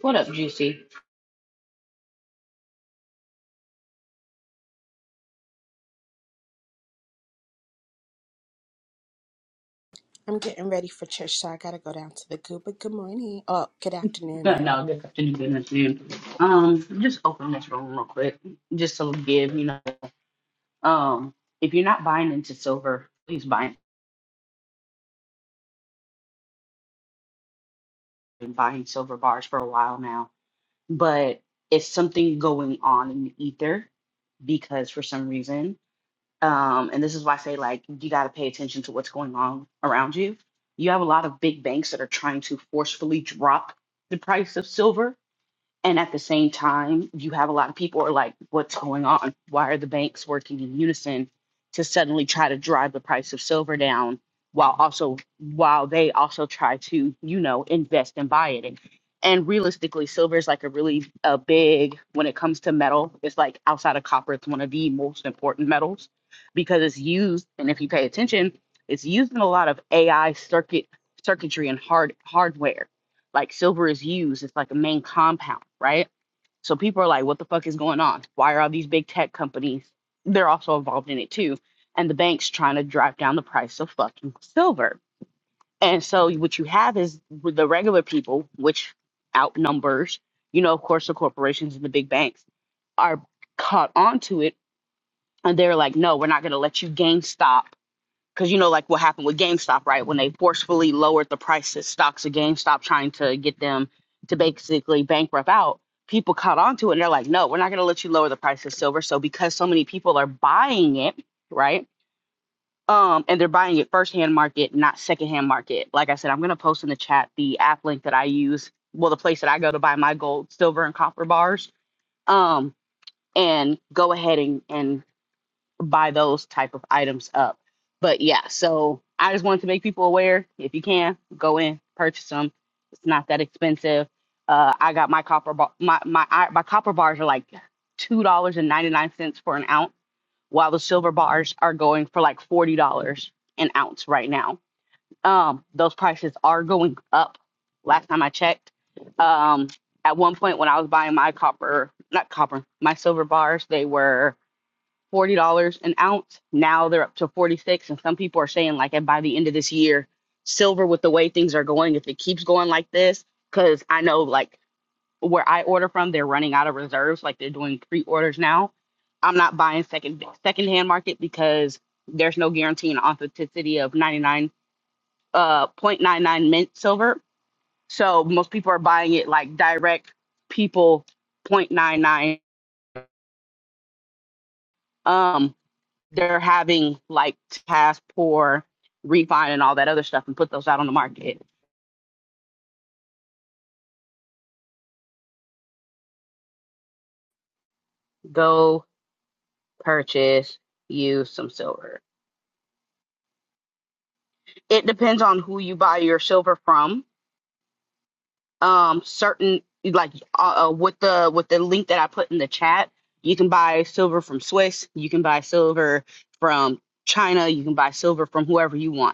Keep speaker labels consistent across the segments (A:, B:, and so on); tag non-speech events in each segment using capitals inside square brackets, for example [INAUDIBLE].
A: What up, Juicy?
B: I'm getting ready for church, so I gotta go down to the goo. But good morning. Oh, good afternoon
A: Uh,
B: now.
A: No, good afternoon, good afternoon. Um, just open this room real quick, just to give you know. Um, if you're not buying into silver, please buy. Been buying silver bars for a while now, but it's something going on in the ether because for some reason, um, and this is why I say like you got to pay attention to what's going on around you. You have a lot of big banks that are trying to forcefully drop the price of silver And at the same time, you have a lot of people are like, what's going on? Why are the banks working in unison to suddenly try to drive the price of silver down while also while they also try to, you know, invest and buy it? And, and realistically, silver is like a really a big when it comes to metal, it's like outside of copper, it's one of the most important metals because it's used, and if you pay attention, it's used in a lot of AI circuit circuitry and hard hardware like silver is used it's like a main compound right so people are like what the fuck is going on why are all these big tech companies they're also involved in it too and the banks trying to drive down the price of fucking silver and so what you have is the regular people which outnumbers you know of course the corporations and the big banks are caught onto it and they're like no we're not going to let you GameStop." because you know like what happened with GameStop, right? When they forcefully lowered the prices, stocks of GameStop, trying to get them to basically bankrupt out. People caught on to it and they're like, no, we're not going to let you lower the price of silver. So because so many people are buying it, right? Um, and they're buying it firsthand market, not secondhand market. Like I said, I'm going to post in the chat the app link that I use. Well, the place that I go to buy my gold, silver, and copper bars. Um, and go ahead and, and buy those type of items up. But yeah, so I just wanted to make people aware. If you can, go in, purchase them. It's not that expensive. Uh, I got my copper bar. My my I- my copper bars are like two dollars and ninety nine cents for an ounce, while the silver bars are going for like forty dollars an ounce right now. Um, those prices are going up. Last time I checked, um, at one point when I was buying my copper, not copper, my silver bars, they were forty dollars an ounce. Now they're up to forty six, and some people are saying like by the end of this year, silver with the way things are going, if it keeps going like this, because I know like where I order from, they're running out of reserves. Like they're doing pre orders now. I'm not buying second secondhand market because there's no guarantee and authenticity of 99 uh point nine nine mint silver. So most people are buying it like direct people point nine nine Um, they're having like task pour refine and all that other stuff and put those out on the market go purchase you some silver it depends on who you buy your silver from um certain like uh, uh, with the with the link that i put in the chat you can buy silver from swiss you can buy silver from china you can buy silver from whoever you want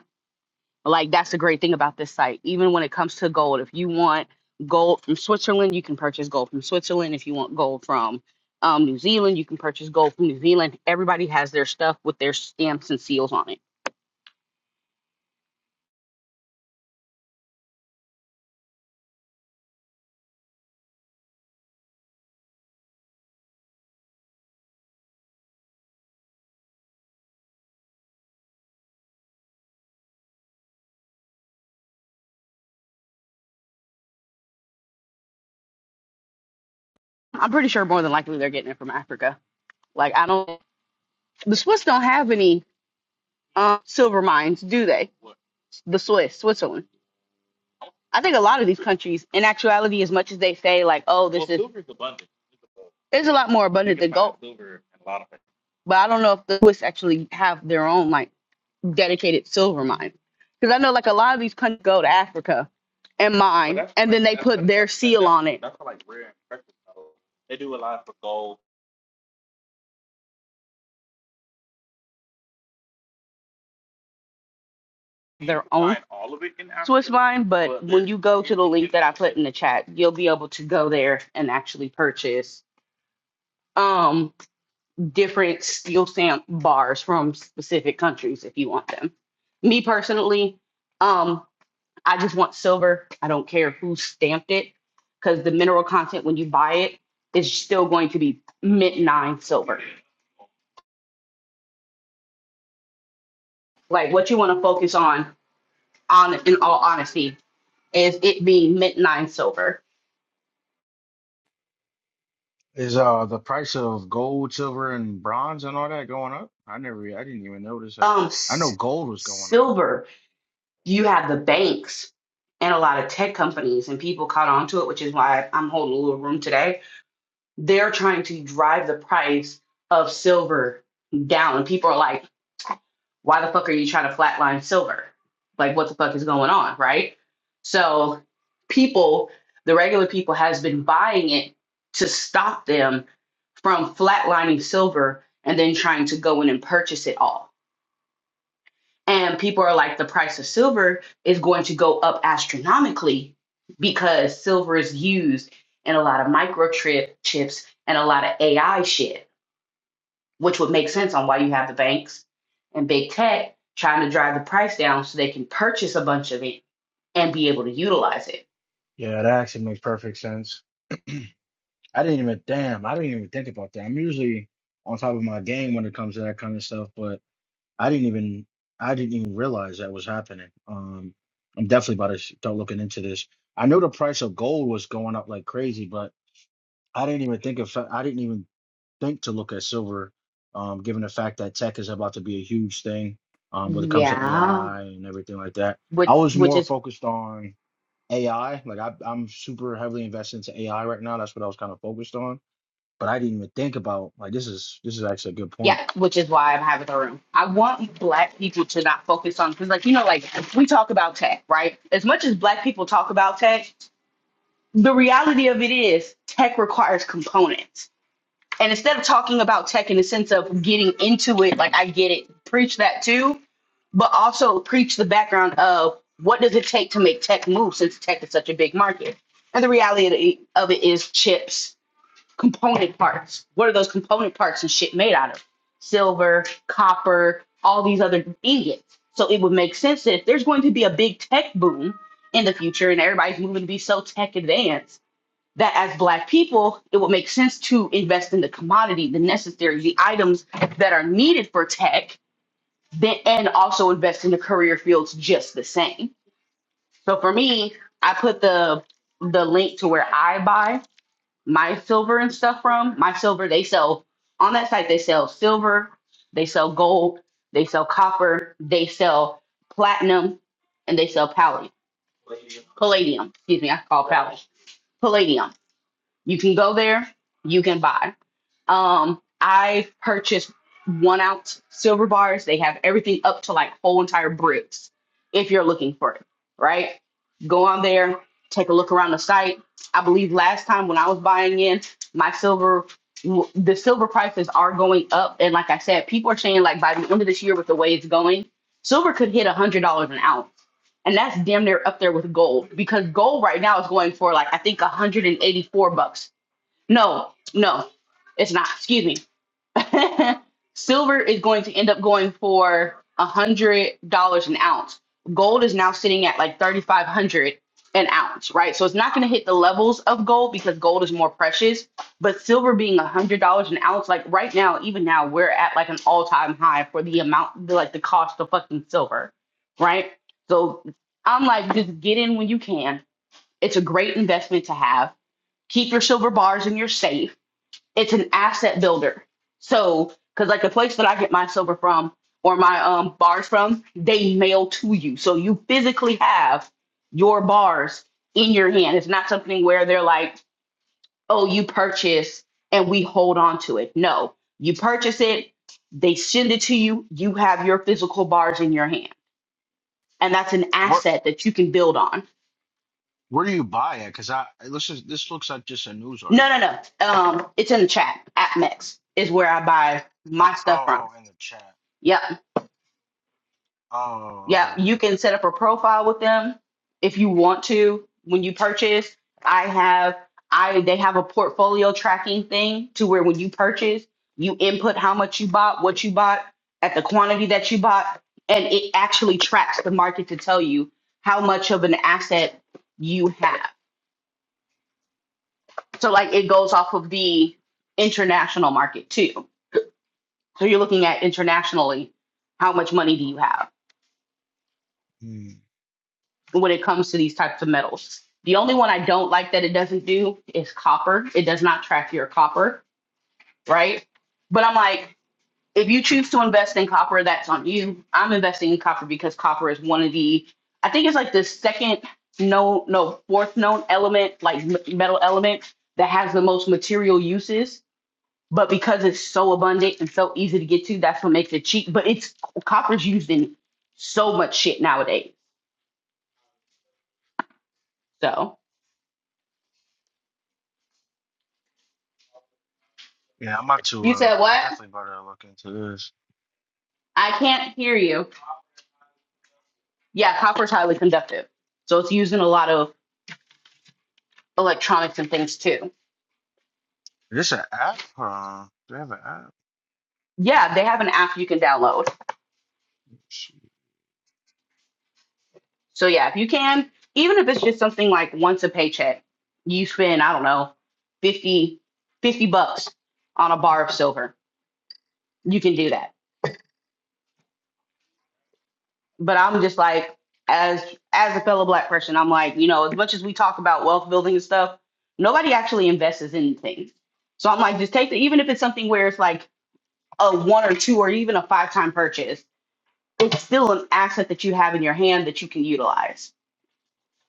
A: Like that's the great thing about this site. Even when it comes to gold, if you want gold from Switzerland, you can purchase gold from Switzerland. If you want gold from um, New Zealand, you can purchase gold from New Zealand. Everybody has their stuff with their stamps and seals on it. I'm pretty sure more than likely they're getting it from Africa. Like I don't, the Swiss don't have any um, silver mines, do they? The Swiss, Switzerland. I think a lot of these countries, in actuality, as much as they say like, oh, this well, is Silver's abundant. It's a lot more You abundant than gold, but I don't know if the Swiss actually have their own like dedicated silver mine. Because I know like a lot of these countries go to Africa and But mine, and then they put their seal on it, You their can own Swiss mine. But when you go to the link that I put in the chat, you'll be able to go there and actually purchase um different steel stamp bars from specific countries if you want them. Me personally. um. I just want silver. I don't care who stamped it because the mineral content when you buy it is still going to be mint nine silver. Like what you want to focus on, on in all honesty, is it being mint nine silver.
C: Is uh the price of gold, silver, and bronze and all that going up? I never, I didn't even notice that.
A: Um,
C: I know
A: s-
C: gold was going up.
A: silver. You have the banks and a lot of tech companies and people caught on to it, which is why I'm holding a little room today. They're trying to drive the price of silver down. and People are like why the fuck are you trying to flatline silver? Like, what the fuck is going on, right? So, people, the regular people, has been buying it to stop them from flatlining silver and then trying to go in and purchase it all. And people are like, the price of silver is going to go up astronomically because silver is used in a lot of microchip chips and a lot of AI shit which would make sense on why you have the banks and big tech trying to drive the price down so they can purchase a bunch of it and be able to utilize it.
C: Yeah, that actually makes perfect sense. I didn't even, damn, I didn't even think about that. I'm usually on top of my game when it comes to that kind of stuff, but I didn't even, I didn't even realize that was happening. Um, I'm definitely about to start looking into this. I know the price of gold was going up like crazy, but I didn't even think of, I didn't even think to look at silver, um, given the fact that tech is about to be a huge thing um, when it comes to
A: Yeah.
C: AI and everything like that. I
A: Which
C: was
A: which
C: more
A: is
C: focused on AI. Like I, I'm super heavily invested into AI right now. That's what I was kind of focused on. But I didn't even think about like this is this is actually a good point.
A: yeah, which is why I'm having the room. I want black people to not focus on because like you know, like we talk about tech, right? As much as black people talk about tech, the reality of it is tech requires components. And instead of talking about tech in the sense of getting into it, like I get it, preach that too but also preach the background of what does it take to make tech move since tech is such a big market. And the reality of it is chips, component parts. What are those component parts and shit made out of? Silver, copper, all these other ingots. So it would make sense that if there's going to be a big tech boom in the future and everybody's moving to be so tech advanced, that as black people, it would make sense to invest in the commodity, the necessary, the items that are needed for tech then and also invest in the career fields just the same. So for me, I put the the link to where I buy my silver and stuff from. My silver they sell on that site they sell silver, they sell gold, they sell copper, they sell platinum, and they sell palladium. Palladium, excuse me, I call it palladium. Palladium. You can go there, you can buy. Um, I've purchased one ounce silver bars. They have everything up to like whole entire bricks if you're looking for it, right? Go on there, take a look around the site. I believe last time when I was buying in, my silver, the silver prices are going up. And like I said, people are saying like by the end of this year with the way it's going, silver could hit a $100 an ounce. And that's damn near up there with gold because gold right now is going for like, I think 184 bucks no, no, it's not. Excuse me. [LAUGHS] Silver is going to end up going for a hundred dollars an ounce. Gold is now sitting at like thirty five hundred an ounce, right? So it's not going to hit the levels of gold because gold is more precious. But silver being a hundred dollars an ounce, like right now, even now, we're at like an all time high for the amount, the, like the cost of fucking silver, right? So I'm like, just get in when you can. It's a great investment to have. Keep your silver bars in your safe it's an asset builder. So, because like the place that I get my silver from or my um bars from, they mail to you. So you physically have your bars in your hand. It's not something where they're like, oh, you purchase and we hold on to it. No, you purchase it, they send it to you, you have your physical bars in your hand. And that's an
C: Where
A: asset that you can build on.
C: where do you buy it? Because I this is this looks like just a news
A: No,
C: article.
A: no, no. Um, it's in the chat. At Mex is where I buy my stuff from.
C: Oh, oh, in the chat.
A: Yep.
C: Oh, okay,
A: Yeah,
C: okay.
A: you can set up a profile with them if you want to when you purchase. I have I they have a portfolio tracking thing to where when you purchase, you input how much you bought, what you bought, at the quantity that you bought, and it actually tracks the market to tell you how much of an asset you have. So like it goes off of the international market too. So you're looking at internationally, how much money do you have?
C: Hmm.
A: when it comes to these types of metals. The only one I don't like that it doesn't do is copper. It does not track your copper, right? But I'm like, if you choose to invest in copper, that's on you. I'm investing in copper because copper is one of the, I think it's like the second known, no, fourth known element, like m- metal element that has the most material uses. But because it's so abundant and so easy to get to, that's what makes it cheap. But it's copper's used in so much shit nowadays. So
C: Yeah, I'm about to.
A: you
C: Uh,
A: said
C: I'm
A: what?
C: definitely about to look into this.
A: I can't hear you. Yeah, copper is highly conductive. So it's used in a lot of electronics and things too.
C: Is this an app? Huh? Do they have an app?
A: Yeah, they have an app you can download. So yeah, if you can, even if it's just something like once a paycheck, you spend, I don't know, 50, 50 bucks on a bar of silver. You can do that. But I'm just like, as as a fellow black person, I'm like, you know, as much as we talk about wealth building and stuff, nobody actually invests in things. So I'm like, just take the even if it's something where it's like a one or two or even a five time purchase, it's still an asset that you have in your hand that you can utilize.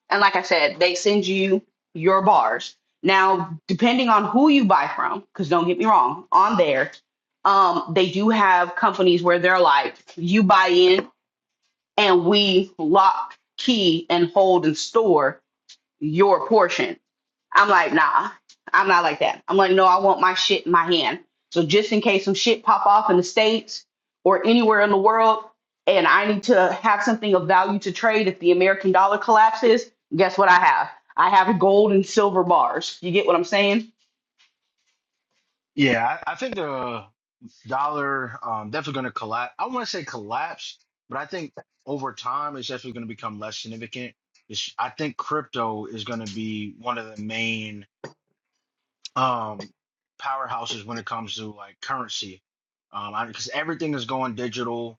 A: And like I said, they send you your bars. Now, depending on who you buy from, because don't get me wrong, on there, um, they do have companies where they're like, you buy in and we lock, key, and hold and store your portion. I'm like, nah, I'm not like that. I'm like, no, I want my shit in my hand. So just in case some shit pop off in the States or anywhere in the world, and I need to have something of value to trade if the American dollar collapses, guess what I have? I have gold and silver bars. You get what I'm saying?
C: Yeah, I, I think the dollar um, definitely going to collapse. I want to say collapse, but I think over time it's definitely going to become less significant. It's, I think crypto is going to be one of the main um powerhouses when it comes to like currency um because everything is going digital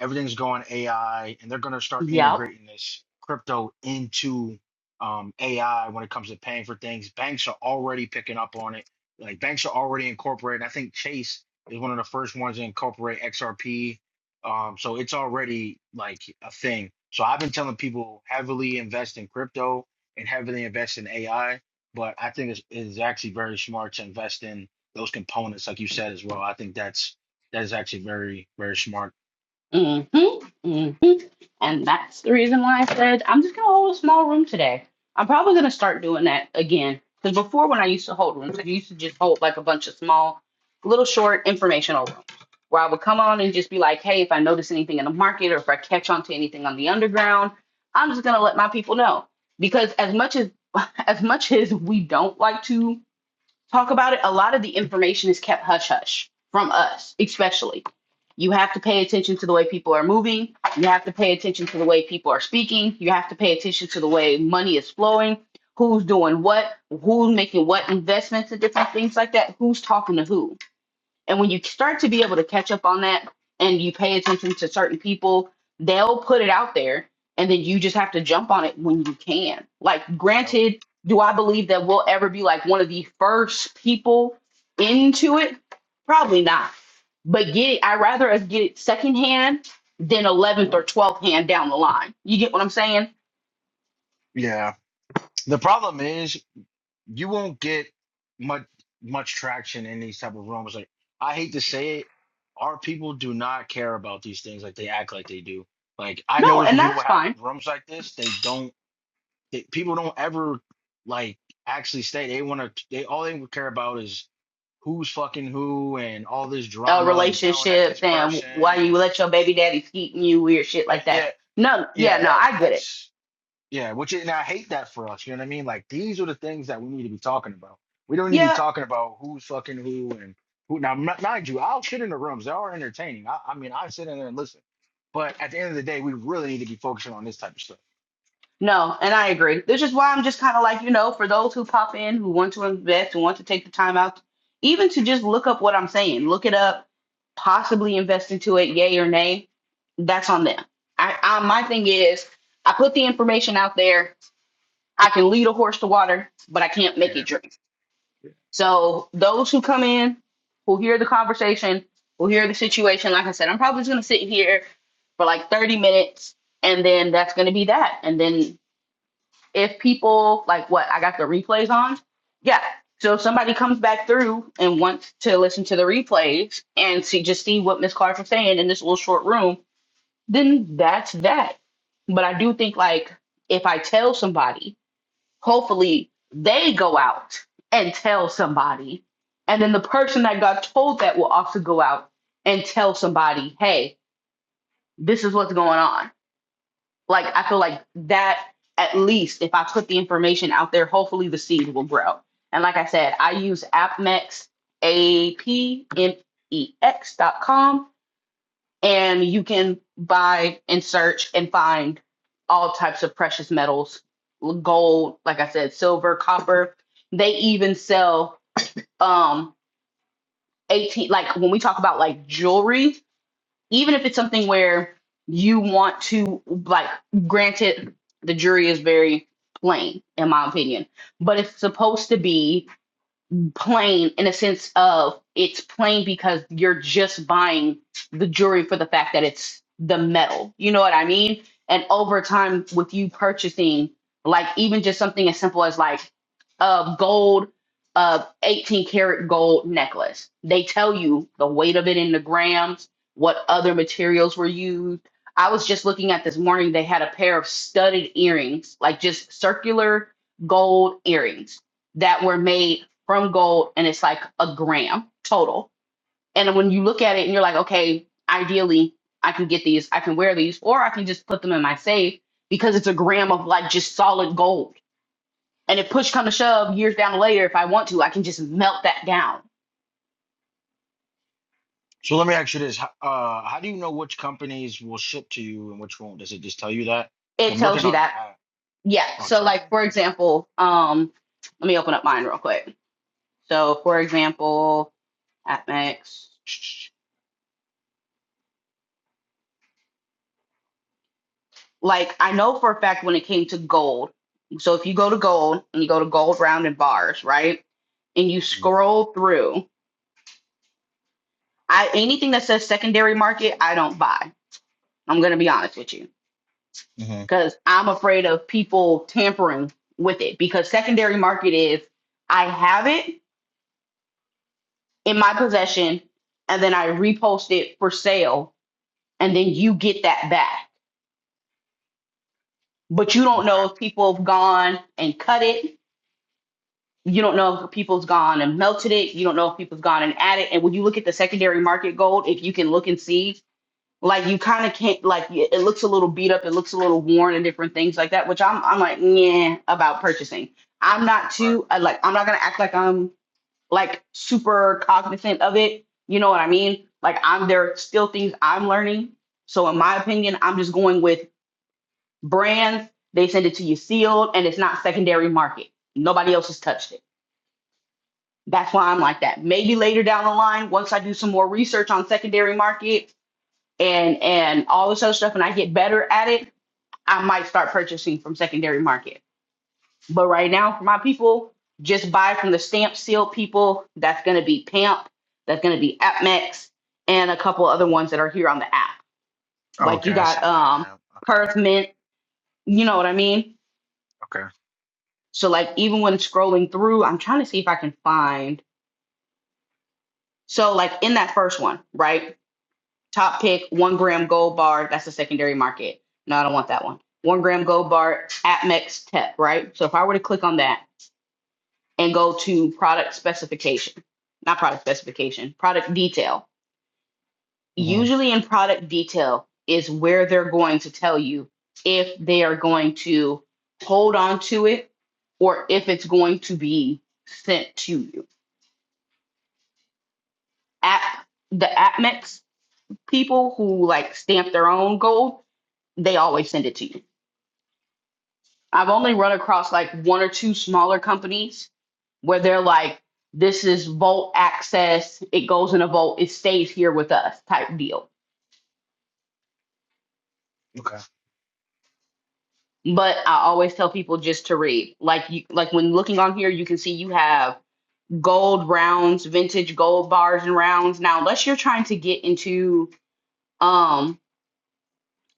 C: everything's going ai and they're going to start
A: Yep.
C: integrating this crypto into um ai when it comes to paying for things banks are already picking up on it like banks are already incorporating i think chase is one of the first ones to incorporate xrp um so it's already like a thing so i've been telling people heavily invest in crypto and heavily invest in ai but I think it's, it's actually very smart to invest in those components, like you said as well. I think that's that is actually very very smart.
A: Mm-hmm. Mm-hmm. And that's the reason why I said I'm just gonna hold a small room today. I'm probably gonna start doing that again. Because before when I used to hold rooms, I used to just hold like a bunch of small, little short informational rooms where I would come on and just be like, hey, if I notice anything in the market or if I catch on to anything on the underground, I'm just gonna let my people know. Because as much as [LAUGHS] as much as we don't like to talk about it. A lot of the information is kept hush hush from us, especially. You have to pay attention to the way people are moving. You have to pay attention to the way people are speaking. You have to pay attention to the way money is flowing, who's doing what, who's making what investments and different things like that, who's talking to who and when you start to be able to catch up on that and you pay attention to certain people, they'll put it out there and then you just have to jump on it when you can. Like,
C: Yep.
A: granted, do I believe that we'll ever be like one of the first people into it? Probably not. But get it, I'd rather us get it secondhand than 11th or 12th hand down the line. You get what I'm saying?
C: Yeah. The problem is you won't get much much traction in these type of rooms. Like I hate to say it, our people do not care about these things like they act like they do. Like I
A: No,
C: notice
A: and
C: when people
A: that's
C: have
A: fine.
C: rooms like this, they don't. It, people don't ever like actually stay. They want to. They all they care about is who's fucking who and all this
A: Uh,
C: drama and yelling at this
A: relationships and
C: person
A: why you
C: and
A: let your baby daddy keep you, weird shit
C: yeah,
A: like
C: yeah,
A: that. No, yeah,
C: yeah,
A: no,
C: that
A: I get it
C: that's yeah, which is, and I hate that for us, you know what I mean? Like these are the things that we need to be talking about. We don't need to be
A: Yeah,
C: talking about who's fucking who and who now m- mind you, I'll sit in the rooms. They are entertaining. I, I mean I sit in there and listen. But at the end of the day, we really need to be focusing on this type of stuff.
A: no, and I agree. This is why I'm just kind of like, you know, for those who pop in, who want to invest and want to take the time out, even to just look up what I'm saying, look it up, possibly invest into it, yay or nay, that's on them. I, I my thing is, I put the information out there. I can lead a horse to water, but I can't make it
C: Yeah.
A: drink. So those who come in, who hear the conversation, who hear the situation, like I said, I'm probably just gonna sit here for like 30 minutes and then that's going to be that. And then if people like what I got the replays on, yeah. So if somebody comes back through and wants to listen to the replays and see just see what Miss Clark was saying in this little short room, then that's that. But I do think like if I tell somebody, hopefully they go out and tell somebody, and then the person that got told that will also go out and tell somebody, hey, this is what's going on like I feel like that at least if I put the information out there, hopefully the seed will grow. And like I said, I use AppMex, A P M E X dot com, and you can buy and search and find all types of precious metals, gold, like I said, silver, copper. They even sell um 18 like when we talk about like jewelry even if it's something where you want to like granted the jury is very plain in my opinion but it's supposed to be plain in a sense of it's plain because you're just buying the jewelry for the fact that it's the metal. You know what I mean? And over time, with you purchasing, like even just something as simple as like a gold, uh, 18 karat gold necklace, they tell you the weight of it in the grams, what other materials were used. I was just looking at this morning, they had a pair of studded earrings, like just circular gold earrings that were made from gold and it's like a gram total. And when you look at it and you're like, okay, ideally I can get these, I can wear these, or I can just put them in my safe because it's a gram of like just solid gold. And if push come to shove years down later, if I want to, I can just melt that down.
C: So let me ask you this: How- uh, How do you know which companies will ship to you and which won't? Does it just tell you that? 'Cause
A: It
C: I'm looking
A: tells you
C: on the
A: that.
C: app.
A: Yeah.
C: Oh, it
A: So
C: tells
A: like
C: you.
A: for example, um, let me open up mine real quick. So for example, Atmex. Like I know for a fact when it came to gold. So if you go to gold and you go to gold round and bars, right? And you
C: Mm-hmm.
A: scroll through, I anything that says secondary market, I don't buy. I'm gonna be honest with you.
C: Mm-hmm.
A: Because I'm afraid of people tampering with it. Because secondary market is I have it in my possession and then I repost it for sale and then you get that back. But you don't
C: Okay.
A: know if people have gone and cut it you don't know if people's gone and melted it. You don't know if people's gone and added. And when you look at the secondary market gold, if you can look and see, like you kind of can't, like it looks a little beat up, it looks a little worn, and different things like that. Which I'm, I'm like, yeah, about purchasing. I'm not
C: Right.
A: too I like. I'm not gonna act like I'm like super cognizant of it. You know what I mean? Like I'm there. are Still things I'm learning. So in my opinion, I'm just going with brands. They send it to you sealed, and it's not secondary market. Nobody else has touched it. That's why I'm like that. Maybe later down the line, once I do some more research on secondary market and and all this other stuff, and I get better at it, I might start purchasing from secondary market. But right now, for my people, just buy from the stamp seal people. That's going to be Pamp. That's going to be AppMex, and a couple other ones that are here on the app.
C: Oh,
A: Like
C: Okay.
A: you
C: I
A: got
C: see.
A: um
C: Pam. Okay.
A: Perth Mint. You know what I mean?
C: Okay.
A: So like even when scrolling through, I'm trying to see if I can find. So like in that first one, right? Top pick, one gram gold bar. That's the secondary market. No, I don't want that one. One gram gold bar Atmex Tech, right? So if I were to click on that and go to product specification, not product specification, product detail.
C: Mm-hmm.
A: Usually in product detail is where they're going to tell you if they are going to hold on to it or if it's going to be sent to you. At the Atmex people who like stamp their own gold, they always send it to you. I've only run across like one or two smaller companies where they're like, this is Volt access. It goes in a Volt. It stays here with us type deal.
C: Okay.
A: But I always tell people just to read. Like you, like when looking on here, you can see you have gold rounds, vintage gold bars and rounds. Now, unless you're trying to get into, um,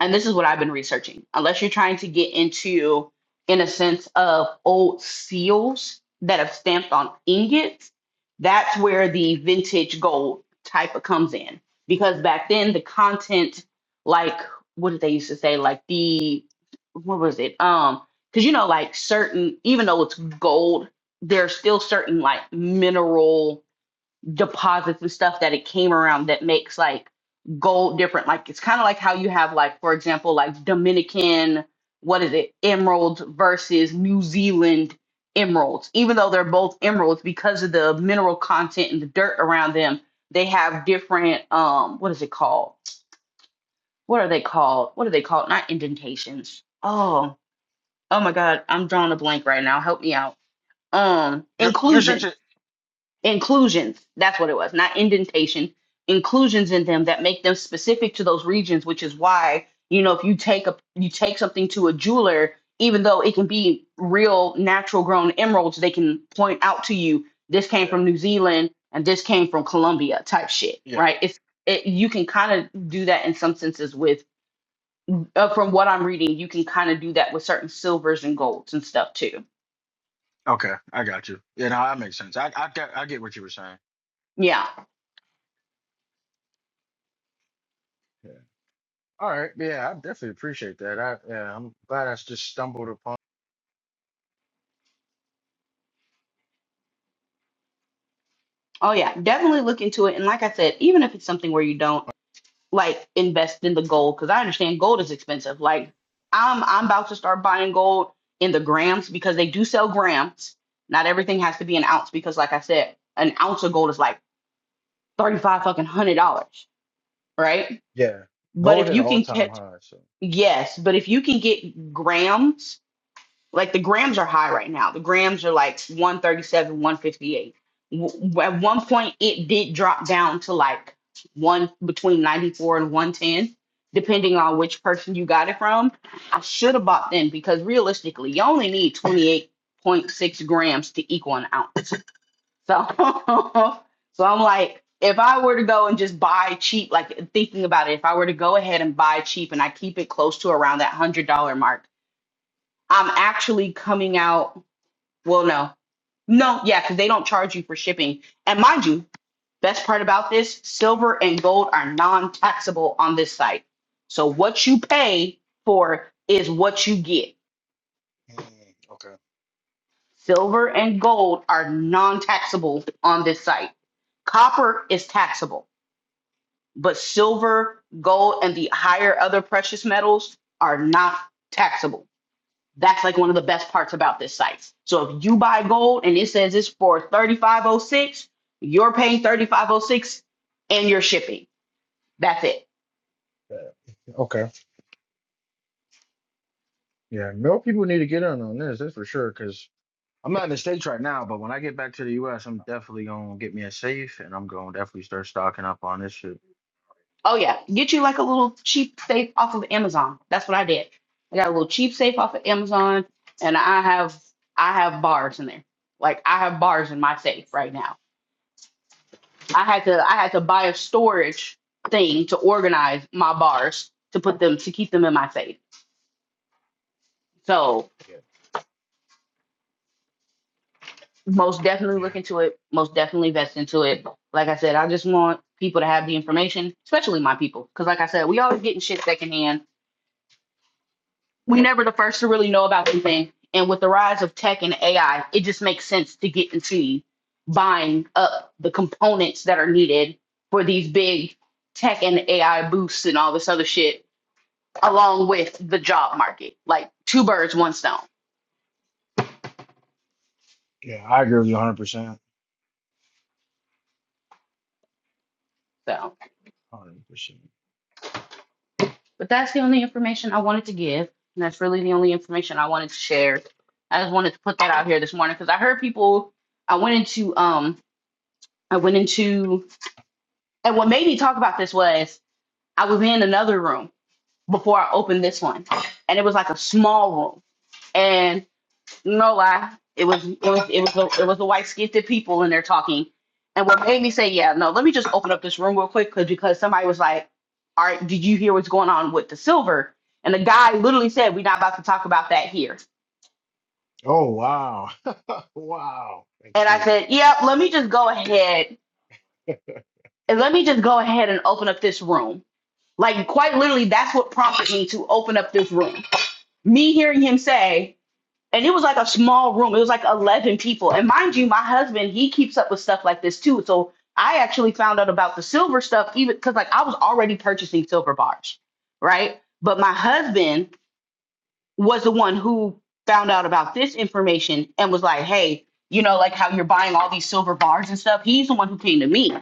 A: and this is what I've been researching, unless you're trying to get into, in a sense, of old seals that have stamped on ingots, that's where the vintage gold type of comes in. Because back then, the content, like, what did they used to say? Like, the, what was it? Um, because you know, like certain, even though it's gold, there's still certain like mineral deposits and stuff that it came around that makes like gold different. Like it's kind of like how you have like, for example, like Dominican, what is it, emeralds versus New Zealand emeralds. Even though they're both emeralds, because of the mineral content and the dirt around them, they have different um what is it called? What are they called? What are they called? Not indentations. Oh, oh my God, I'm drawing a blank right now. Help me out. Um,
C: You're you're
A: inclusion
C: essentially.
A: inclusions that's what it was not indentation inclusions in them that make them specific to those regions which is why you know if you take a you take something to a jeweler even though it can be real natural grown emeralds they can point out to you this came
C: Yeah.
A: from new zealand and this came from colombia type shit
C: Yeah.
A: right it's it, you can kind of do that in some senses with uh, from what i'm reading you can kind of do that with certain silvers and golds and stuff too
C: Okay. I got you. Yeah. No, that makes sense. I I get I get what you were saying.
A: yeah
C: Yeah. All right. Yeah. I definitely appreciate that. I yeah. I'm glad I just stumbled upon.
A: oh yeah definitely look into it and like i said even if it's something where you don't like invest in the gold because I understand gold is expensive. Like I'm I'm about to start buying gold in the grams because they do sell grams. Not everything has to be an ounce because like I said, an ounce of gold is like thirty five fucking hundred dollars, right?
C: Yeah.
A: But
C: Go
A: if
C: ahead.
A: you
C: All
A: can
C: time
A: get
C: high. So.
A: yes, but if you can get grams like the grams are high right now. The grams are like 137, 158. W- At one point, it did drop down to like one between 94 and 110, depending on which person you got it from. I should have bought then because realistically, you only need 28.6 grams to equal an ounce. So, [LAUGHS] so I'm like, if I were to go and just buy cheap, like thinking about it, if I were to go ahead and buy cheap and I keep it close to around that $100 mark I'm actually coming out. Well, no, no, yeah, because they don't charge you for shipping. And mind you, best part about this, silver and gold are non-taxable on this site. So what you pay for is what you get.
C: Mm, okay.
A: Silver and gold are non-taxable on this site. Copper is taxable, but silver, gold, and the higher other precious metals are not taxable. That's like one of the best parts about this site. So if you buy gold and it says it's for 3506, you're paying 3506 and you're shipping. That's it.
C: Yeah. Okay. Yeah, more people need to get in on this, that's for sure. Because I'm not in the States right now, but when I get back to the US, I'm definitely going to get me a safe and I'm going to definitely start stocking up on this shit.
A: Oh yeah, get you like a little cheap safe off of Amazon. That's what I did. I got a little cheap safe off of Amazon and I have I have bars in there. Like I have bars in my safe right now. I had to I had to buy a storage thing to organize my bars to put them to keep them in my safe. So
C: Yeah,
A: most definitely
C: yeah,
A: look into it most definitely invest into it like i said i just want people to have the information especially my people because like i said we always getting shit secondhand we never the first to really know about anything and with the rise of tech and ai it just makes sense to get into buying up the components that are needed for these big tech and ai boosts and all this other shit along with the job market like two birds one stone
C: yeah. I agree with you 100%.
A: So.
C: 100%.
A: But that's the only information I wanted to give. And that's really the only information I wanted to share. I just wanted to put that out here this morning because I heard people I went into um I went into and what made me talk about this was I was in another room before I opened this one. And it was like a small room. and. No lie. It was it was it was the it was the white skinned people in there talking. And what made me say, yeah, no, let me just open up this room real quick cause, because somebody was like, All right, did you hear what's going on with the silver? And the guy literally said, We're not about to talk about that here.
C: Oh, wow. [LAUGHS] wow. That's
A: And I
C: crazy.
A: said, Yeah, let me just go ahead
C: wow.
A: and let me just go ahead and open up this room. Like quite literally, that's what prompted me to open up this room. Me hearing him say, and it was like a small room. It was like eleven people. And mind you, my husband he keeps up with stuff like this too. So I actually found out about the silver stuff even because like I was already purchasing silver bars, right? But my husband was the one who found out about this information and was like, hey, you know, like how you're buying all these silver bars and stuff. He's the one who came to me.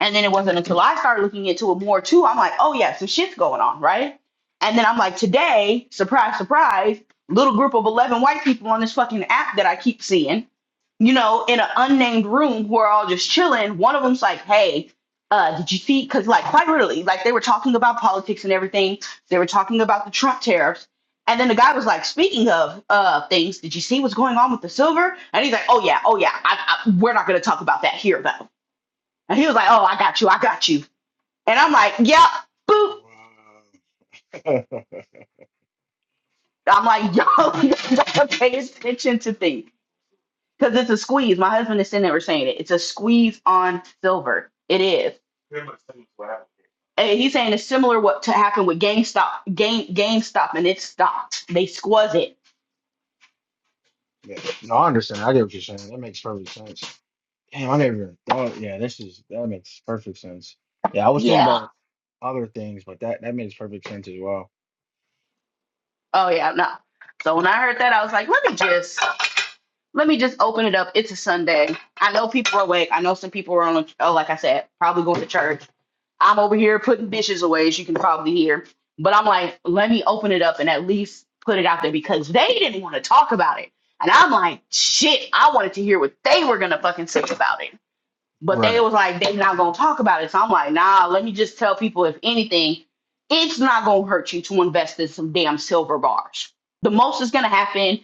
A: And then it wasn't until I started looking into it more too, I'm like, oh yeah, some shit's going on, right? And then I'm like, today, surprise, surprise, little group of 11 white people on this fucking app that I keep seeing, you know, in an unnamed room who are all just chilling. One of them's like, hey, uh, did you see? Because, like, quite literally, like they were talking about politics and everything. They were talking about the Trump tariffs and then the guy was like, "Speaking of uh things, did you see what's going on with the silver?" And he's like, "Oh yeah, oh yeah. I, I, we're not going to talk about that here though." And he was like, "Oh, I got you, I got you." And I'm like, "Yeah, boop."
C: [LAUGHS] wow.
A: I'm like, "Yo, [LAUGHS] you gotta pay attention to things because it's a squeeze." My husband is sitting there saying it. It's a squeeze on silver. It is. And he's saying it's similar what to happen with GameStop, Game GameStop, and its stocks. They squaz it.
C: Yeah. No, I understand. I get what you're saying. That makes perfect sense. Damn, I never even thought. Yeah, this is, that makes perfect sense. Yeah, I was thinking
A: Yeah.
C: about other things, but that, that makes perfect sense as well.
A: Oh yeah. No. So when I heard that, I was like, "Let me just." Let me just open it up. It's a Sunday. I know people are awake. I know some people are on, oh, like I said, probably going to church. I'm over here putting dishes away, as you can probably hear. But I'm like, let me open it up and at least put it out there because they didn't want to talk about it. And I'm like, shit, I wanted to hear what they were going to fucking say about it. But they
C: Right.
A: was like, they not going to talk about it. So I'm like, nah, let me just tell people, if anything, it's not going to hurt you to invest in some damn silver bars. The most is going to happen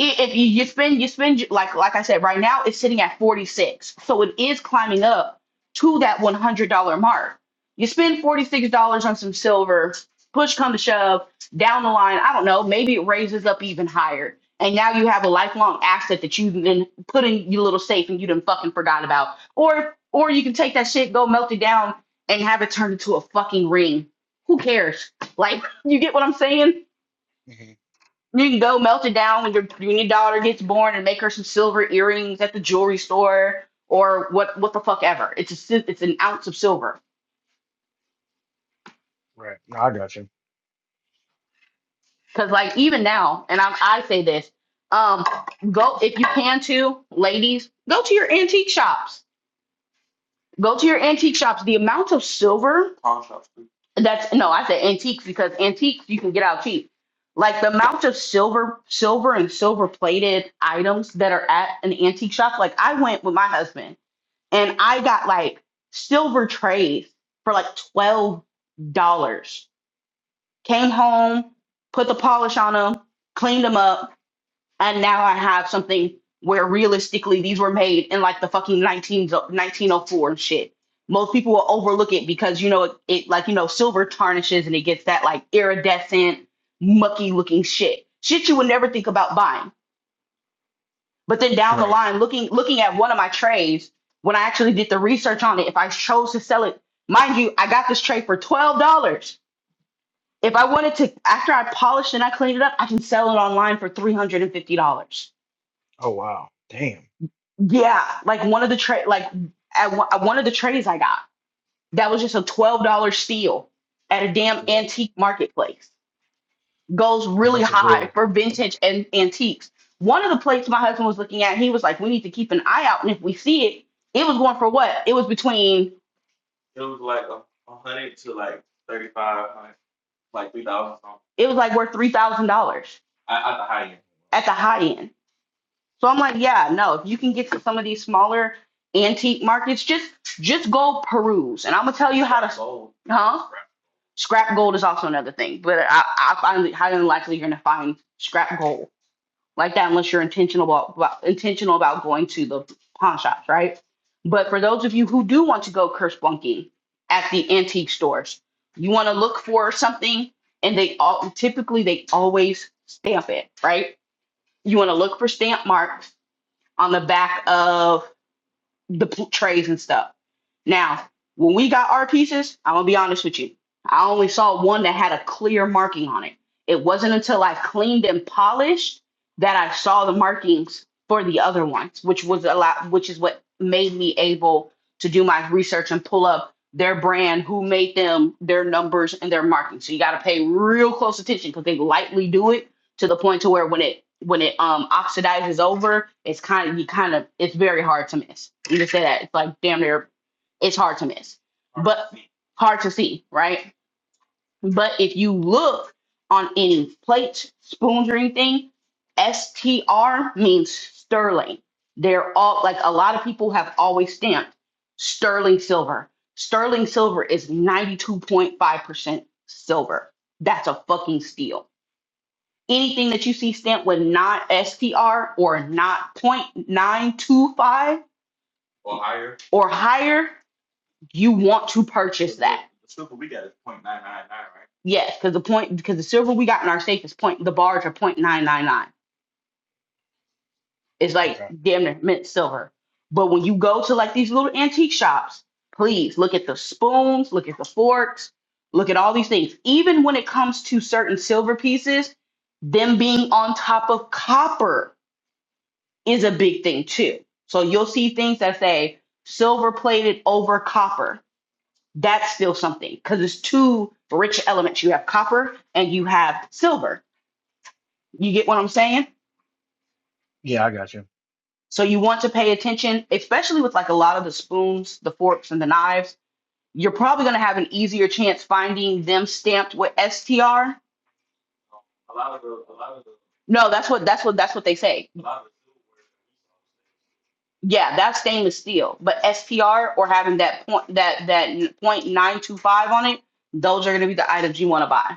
A: i- if you, you spend you spend like like I said right now it's sitting at 46 so it is climbing up to that $100 mark you spend $46 on some silver push come to shove down the line I don't know maybe it raises up even higher and now you have a lifelong asset that you've been put in your little safe and you done fucking forgot about or or you can take that shit go melt it down and have it turned into a fucking ring who cares like [LAUGHS] you get what I'm saying
C: hmm
A: you can go melt it down when your when your daughter gets born and make her some silver earrings at the jewelry store or what what the fuck ever. It's a si- it's an ounce of silver.
C: Right. No, I got you.
A: Cause like even now, and I I say this, um, go if you can to ladies, go to your antique shops. Go to your antique shops. The amount of silver that's no, I say antiques because antiques you can get out cheap. Like the amount of silver, silver and silver plated items that are at an antique shop. Like I went with my husband. and I got like silver trays for like twelve dollars. Came home, put the polish on them, cleaned them up, and now I have something where realistically these were made in like the fucking 19, 1904 and shit. Most people will overlook it because you know it, it like you know silver tarnishes and it gets that like iridescent mucky looking shit. Shit you would never think about buying. But then down the
C: Right.
A: line, looking looking at one of my trays, when I actually did the research on it, if I chose to sell it, mind you, I got this tray for twelve dollars. If I wanted to, after I polished and I cleaned it up, I can sell it online for three hundred and fifty dollars.
C: Oh wow. Damn.
A: Yeah, like one of the tray, like at one, at one of the trays I got, that was just a twelve dollar steal at a damn
C: Yeah.
A: antique marketplace. goes
C: Yeah,
A: really
C: that's a
A: high
C: good.
A: for vintage and antiques. One of the plates my husband was looking at, he was like, "We need to keep an eye out, and if we see it, it was going for what? It was between, it was like worth three thousand dollars at the high end." So I'm like, "Yeah, no. If you can get to some of these smaller antique markets, just just go peruse, and I'm gonna tell you how to, gold. huh? Scrap gold is also another thing, but I I find it highly unlikely you're gonna find scrap gold like that unless you're intentional about, about intentional about going to the pawn shops, right? But for those of you who do want to go curse bunking at the antique stores, you want to look for something, and they all typically they always stamp it, right? You want to look for stamp marks on the back of the pl- trays and stuff. Now, when we got our pieces, I'm gonna be honest with you. I only saw one that had a clear marking on it. It wasn't until I cleaned and polished that I saw the markings for the other ones, which was a lot, which is what made me able to do my research and pull up their brand, who made them, their numbers, and their marking. So you got to pay real close attention because they lightly do it to the point to where when it when it um oxidizes over, it's kind of you kind of it's very hard to miss. You just say that it's like damn near it's hard to miss, but hard to see, right? But if you look on any plates, spoons, or anything, STR means sterling. They're all like a lot of people have always stamped sterling silver. Sterling silver is 92.5% silver. That's a fucking steal Anything that you see stamped with non STR or not point nine two five or higher, you want to purchase that. The Silver we got is point nine nine nine, right? Yes, because the point because the silver we got in our safe is point the bars are point nine nine nine. It's like
C: Okay.
A: damn near mint silver. But when you go to like these little antique shops, please look at the spoons, look at the forks, look at all these things. Even when it comes to certain silver pieces, them being on top of copper. is a big thing too. So you'll see things that say silver plated over copper. That's still something because it's two rich elements. You have copper and you have silver. You get what I'm saying?
C: Yeah, I got you.
A: So you want to pay attention, especially with like a lot of the spoons, the forks, and the knives. You're probably gonna have an easier chance finding them stamped with STR. No, that's what that's what that's what they say Yeah, that's stainless steel. But SPR or having that point that that point nine two five on it, those are gonna be the items you want to buy.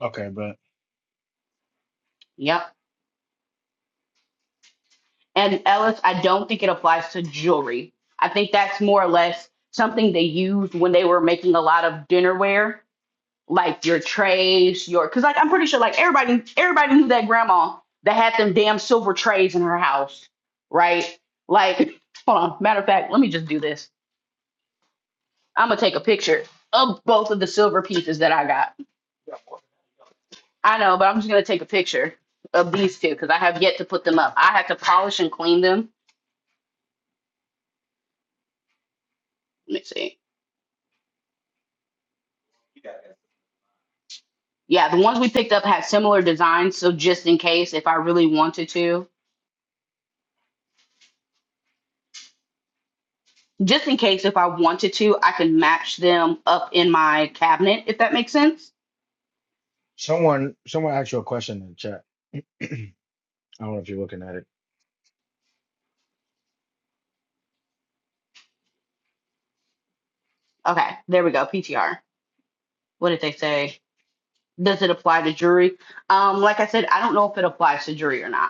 C: Okay, but
A: Yep. And Ellis, I don't think it applies to jewelry. I think that's more or less something they used when they were making a lot of dinnerware, like your trays, your because like I'm pretty sure like everybody everybody knew that grandma that had them damn silver trays in her house, right? Like, [LAUGHS] hold on. Matter of fact, let me just do this. I'm gonna take a picture of both of the silver pieces that I got. I know, but I'm just gonna take a picture of these two because I have yet to put them up. I had to polish and clean them. Let me see. Yeah, the ones we picked up had similar designs, so just in case if I really wanted to, just in case if I wanted to, I can match them up in my cabinet if that makes sense.
C: someone someone asked you a question in the chat. [CLEARS THROAT] I don't know if you're looking at it.
A: Okay, there we go. PTR. What did they say? Does it apply to jewelry? Um, like I said, I don't know if it applies to jewelry or not.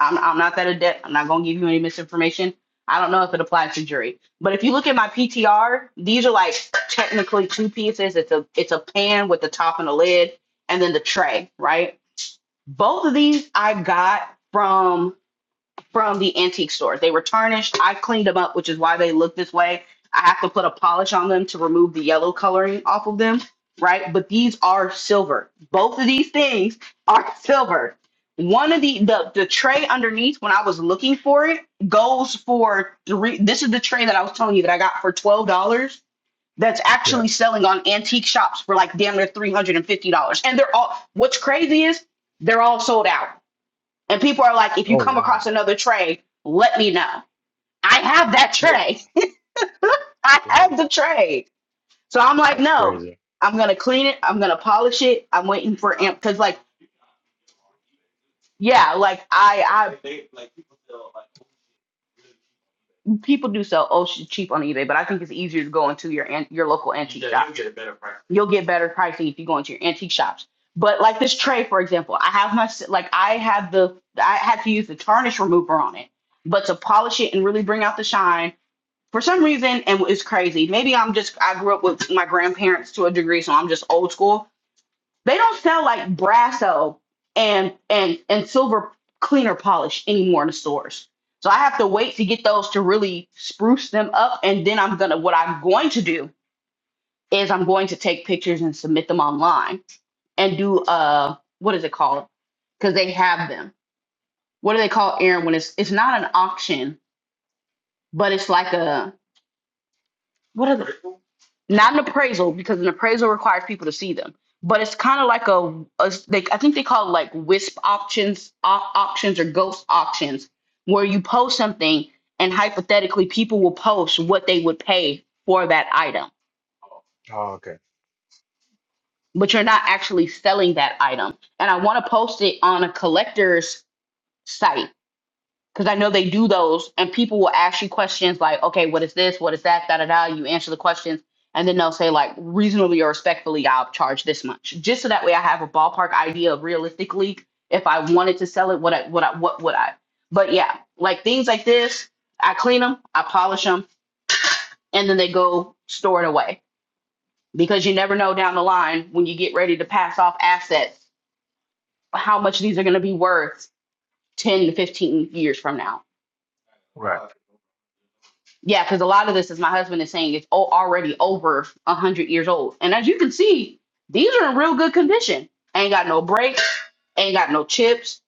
A: I'm, I'm not that adept. I'm not going to give you any misinformation. I don't know if it applies to jury, but if you look at my PTR, these are like technically two pieces. It's a it's a pan with the top and the lid, and then the tray. Right. Both of these I got from from the antique stores. They were tarnished. I cleaned them up, which is why they look this way. I have to put a polish on them to remove the yellow coloring off of them, right? But these are silver. Both of these things are [LAUGHS] silver. One of the the, the tray underneath when I was looking for it goes for three. This is the tray that I was telling you that I got for twelve dollars. That's
C: Yeah.
A: actually selling on antique shops for like damn near three hundred and fifty dollars. And they're all. What's crazy is they're all sold out and people are like, if you
C: Oh
A: come across
C: wow.
A: another tray, let me know. I have that
C: Wow.
A: tray. [LAUGHS] I
C: Damn.
A: have the tray. So I'm like,
C: That's
A: no,
C: crazy.
A: I'm gonna clean it. I'm gonna polish it. I'm waiting for amp because like, yeah, like I I People do sell oh ocean cheap on eBay, but I think it's easier to go into your an- your local antique shop. You'll get better pricing if you go into your antique shops. But like this tray, for example, I have my like I have the I had to use the tarnish remover on it, but to polish it and really bring out the shine. For some reason, and it's crazy. Maybe I'm just I grew up with my grandparents to a degree, so I'm just old school they don't sell like Brasso and and and silver cleaner polish anymore in the stores. So I have to wait to get those to really spruce them up and then I'm going to what I'm going to do is I'm going to take pictures and submit them online and do uh what is it called? Cuz they have them. What do they call Aaron when it's it's not an auction, but it's like a what are the not an appraisal because an appraisal requires people to see them but it's kind of like a, a they, i think they call it like wisp options op- options or ghost auctions where you post something and hypothetically people will post what they would pay for that item
C: Oh, okay.
A: but you're not actually selling that item and i want to post it on a collector's site because I know they do those, and people will ask you questions like, okay, what is this? What is that? Da da da. You answer the questions, and then they'll say like, reasonably or respectfully, I'll charge this much, just so that way I have a ballpark idea of realistically if I wanted to sell it, what I what I what would I? But yeah, like things like this, I clean them, I polish them, and then they go store it away because you never know down the line when you get ready to pass off assets how much these are going to be worth 10 to 15 years from now
C: Right.
A: Yeah, because a lot of this, as my husband is saying, is o- already over 100 years old. And as you can see, these are in real good condition. Ain't got no breaks, ain't got no chips,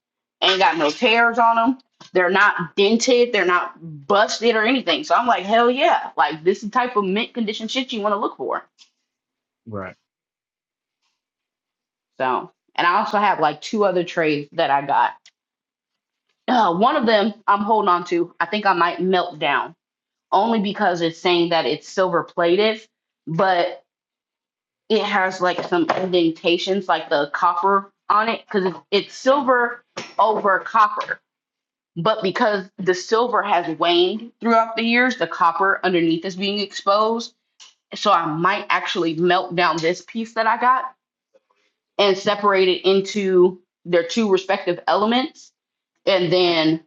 A: ain't got no tears on them. They're not dented, they're not busted or anything. So I'm like, hell yeah. Like, this is the type of mint condition shit you want to look for.
C: Right.
A: So, and I also have like two other trays that I got. Uh, one of them I'm holding on to. I think I might melt down only because it's saying that it's silver plated. But it has like some indentations, like the copper on it, because it's, silver over copper. But because the silver has waned throughout the years, the copper underneath is being exposed. So I might actually melt down this piece that I got and separate it into their two respective elements, and then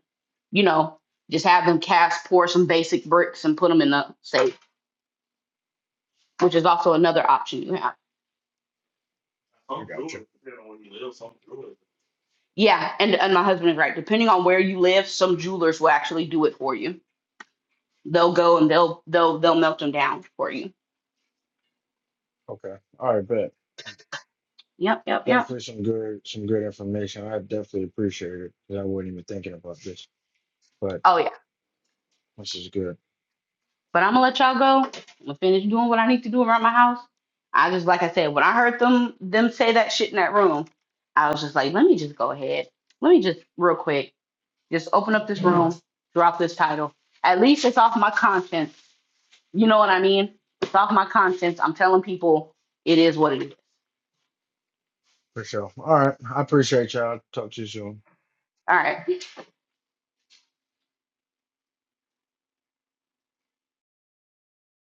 A: you know just have them cast pour some basic bricks and put them in the safe, which is also another option you have.
C: I got you.
A: Yeah, and and my husband is right. Depending on where you live, some jewelers will actually do it for you. They'll go and they'll they'll they'll melt them down for you.
C: Okay. All right, bet.
A: Yep, yep, yep.
C: Definitely some good some good information. I definitely appreciate it because I wasn't even thinking about this, but
A: Oh yeah.
C: this is good
A: But I'm gonna let y'all go. I'm gonna finish doing what I need to do around my house. I just like I said, when I heard them them say that shit in that room, I was just like, let me just go ahead. Let me just real quick, just open up this room, drop this title. At least it's off my conscience. You know what I mean? It's off my conscience. I'm telling people it is what it is.
C: for sure. All right. I appreciate y'all. Talk to you soon.
A: All right.